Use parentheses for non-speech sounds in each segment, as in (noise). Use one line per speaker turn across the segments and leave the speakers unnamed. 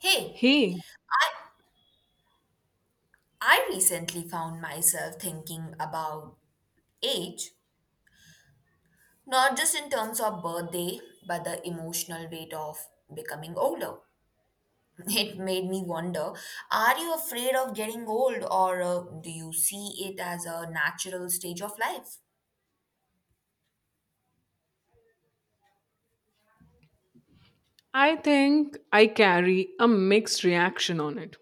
Hey,
Hey,
I I recently found myself thinking about age, not just in terms of birthday, but the emotional weight of becoming older. (laughs) It made me wonder, are you afraid of getting old or do you see it as a natural stage of life?
I think I carry a mixed reaction on it.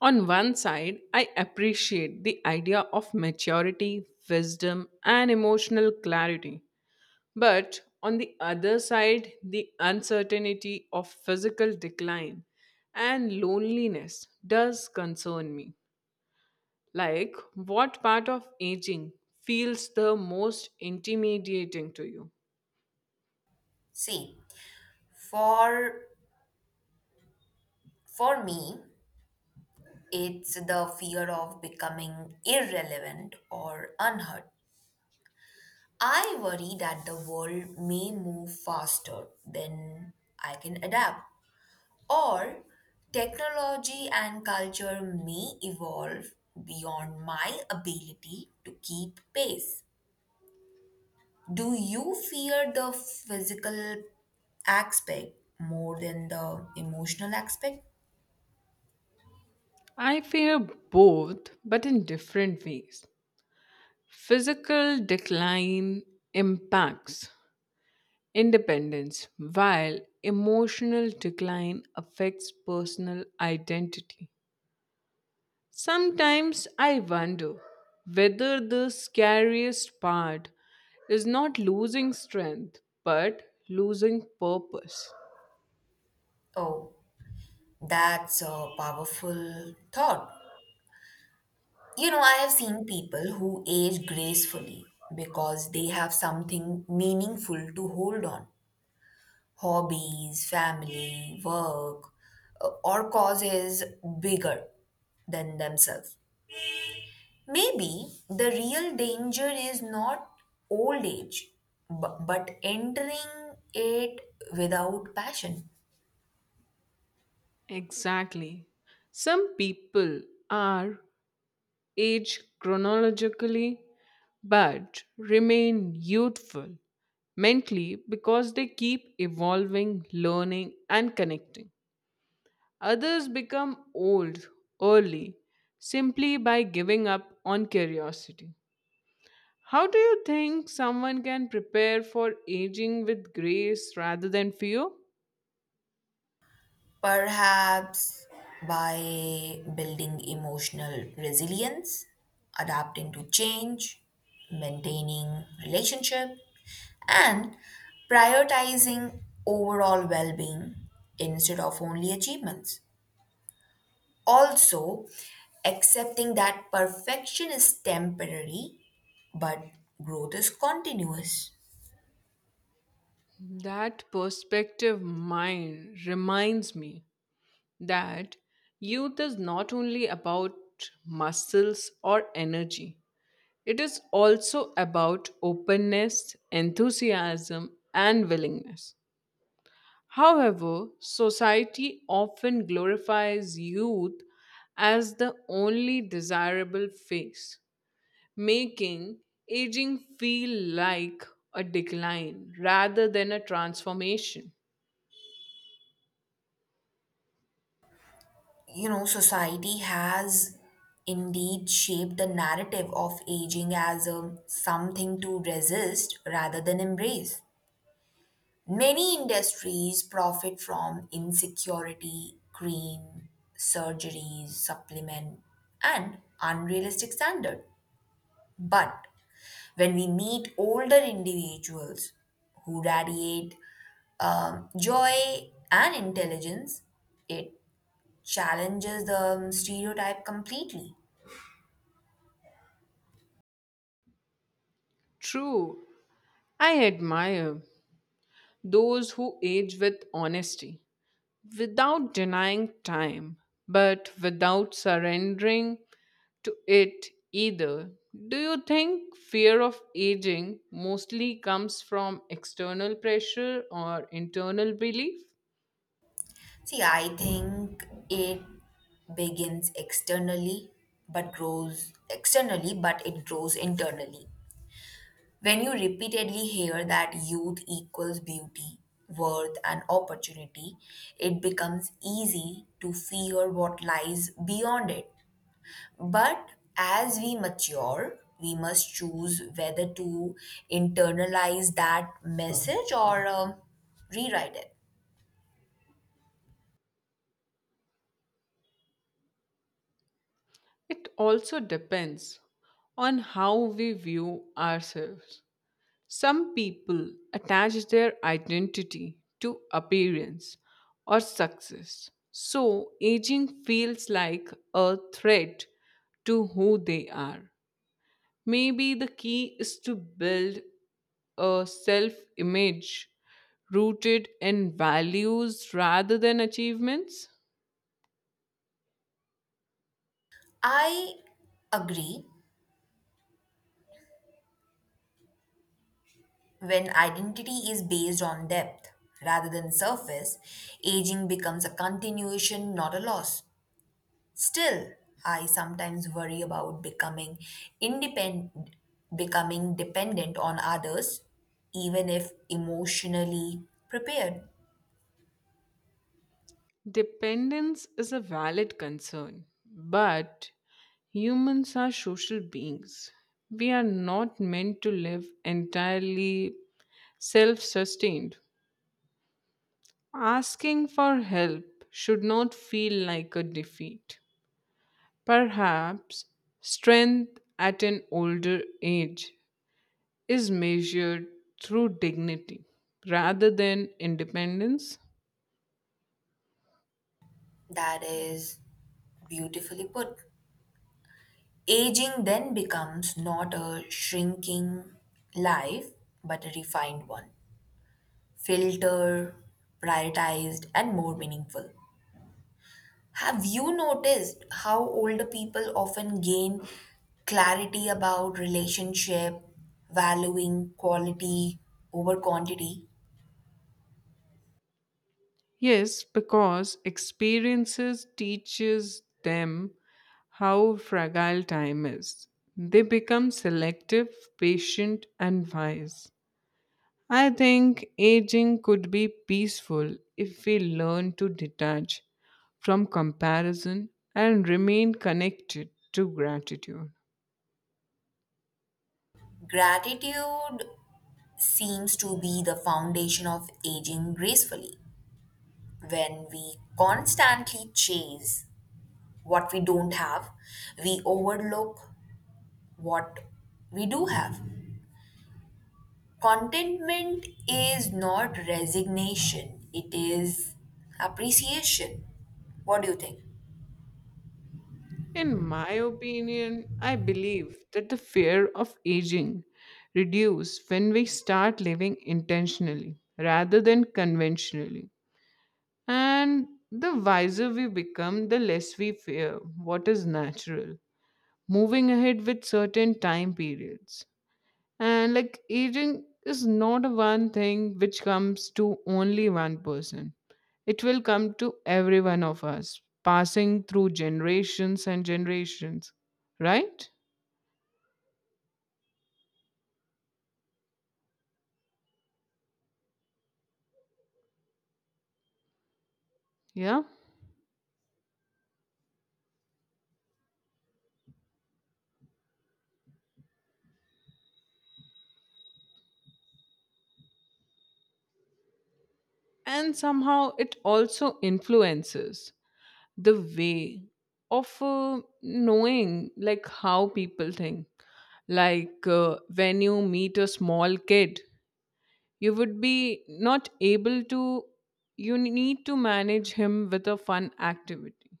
On one side, I appreciate the idea of maturity, wisdom, and emotional clarity. But on the other side, the uncertainty of physical decline and loneliness does concern me. Like, what part of aging feels the most intimidating to you?
See, for for me, it's the fear of becoming irrelevant or unheard. I worry that the world may move faster than I can adapt, or technology and culture may evolve beyond my ability to keep pace. Do you fear the physical aspect more than the emotional aspect?
I fear both, but in different ways. Physical decline impacts independence, while emotional decline affects personal identity. Sometimes I wonder whether the scariest part is not losing strength, but losing purpose.
Oh, that's a powerful thought. You know, I have seen people who age gracefully because they have something meaningful to hold on: hobbies, family, work, or causes bigger than themselves. Maybe the real danger is not old age, but entering it without passion.
Exactly. Some people are aged chronologically but remain youthful mentally because they keep evolving, learning, and connecting. Others become old early simply by giving up on curiosity. How do you think someone can prepare for aging with grace rather than fear?
Perhaps by building emotional resilience, adapting to change, maintaining relationship, and prioritizing overall well being instead of only achievements. Also, accepting that perfection is temporary but growth is continuous.
That perspective mine reminds me that youth is not only about muscles or energy, it is also about openness, enthusiasm, and willingness. However, society often glorifies youth as the only desirable phase, making aging feel like a decline rather than a transformation.
You know, society has indeed shaped the narrative of aging as a something to resist rather than embrace. Many industries profit from insecurity, cream, surgeries, supplement, and unrealistic standard. But when we meet older individuals who radiate joy and intelligence, it challenges the stereotype completely.
True, I admire those who age with honesty, without denying time, but without surrendering to it either. Do you think fear of aging mostly comes from external pressure or internal belief?
See, I think it begins externally, but it grows internally. When you repeatedly hear that youth equals beauty, worth, and opportunity, it becomes easy to fear what lies beyond it. But as we mature, we must choose whether to internalize that message or rewrite it.
It also depends on how we view ourselves. Some people attach their identity to appearance or success. So, aging feels like a threat to who they are. Maybe the key is to build a self image rooted in values rather than achievements?
I agree when identity is based on depth rather than surface, aging becomes a continuation, not a loss. Still, I sometimes worry about independent becoming dependent on others even if emotionally prepared.
Dependence is a valid concern, but humans are social beings. We are not meant to live entirely self sustained. Asking for help should not feel like a defeat. Perhaps strength at an older age is measured through dignity rather than independence?
That is beautifully put. Aging then becomes not a shrinking life but a refined one. Filter, prioritized, and more meaningful. Have you noticed how older people often gain clarity about relationship, valuing quality over quantity?
Yes, because experiences teaches them how fragile time is. They become selective, patient and wise. I think aging could be peaceful if we learn to detach from comparison and remain connected to gratitude.
Gratitude seems to be the foundation of aging gracefully. When we constantly chase what we don't have, we overlook what we do have. Contentment is not resignation, it is appreciation. What do you think?
In my opinion, I believe that the fear of aging reduces when we start living intentionally rather than conventionally. And the wiser we become, the less we fear what is natural, moving ahead with certain time periods. And like aging is not a one thing which comes to only one person. It will come to every one of us, passing through generations and generations, right? Yeah. And somehow it also influences the way of knowing like how people think. Like when you meet a small kid you would be not able to you need to manage him with a fun activity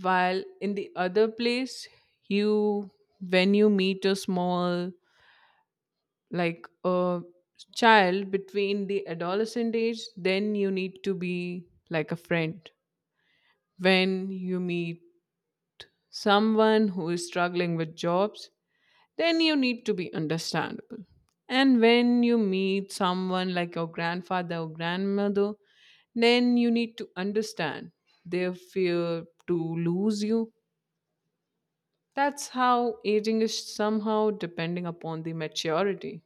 while in the other place you when you meet a small like a child between the adolescent age then you need to be like a friend when you meet someone who is struggling with jobs then you need to be understandable. And when you meet someone like your grandfather or grandmother, then you need to understand their fear to lose you. That's how aging is somehow depending upon the maturity.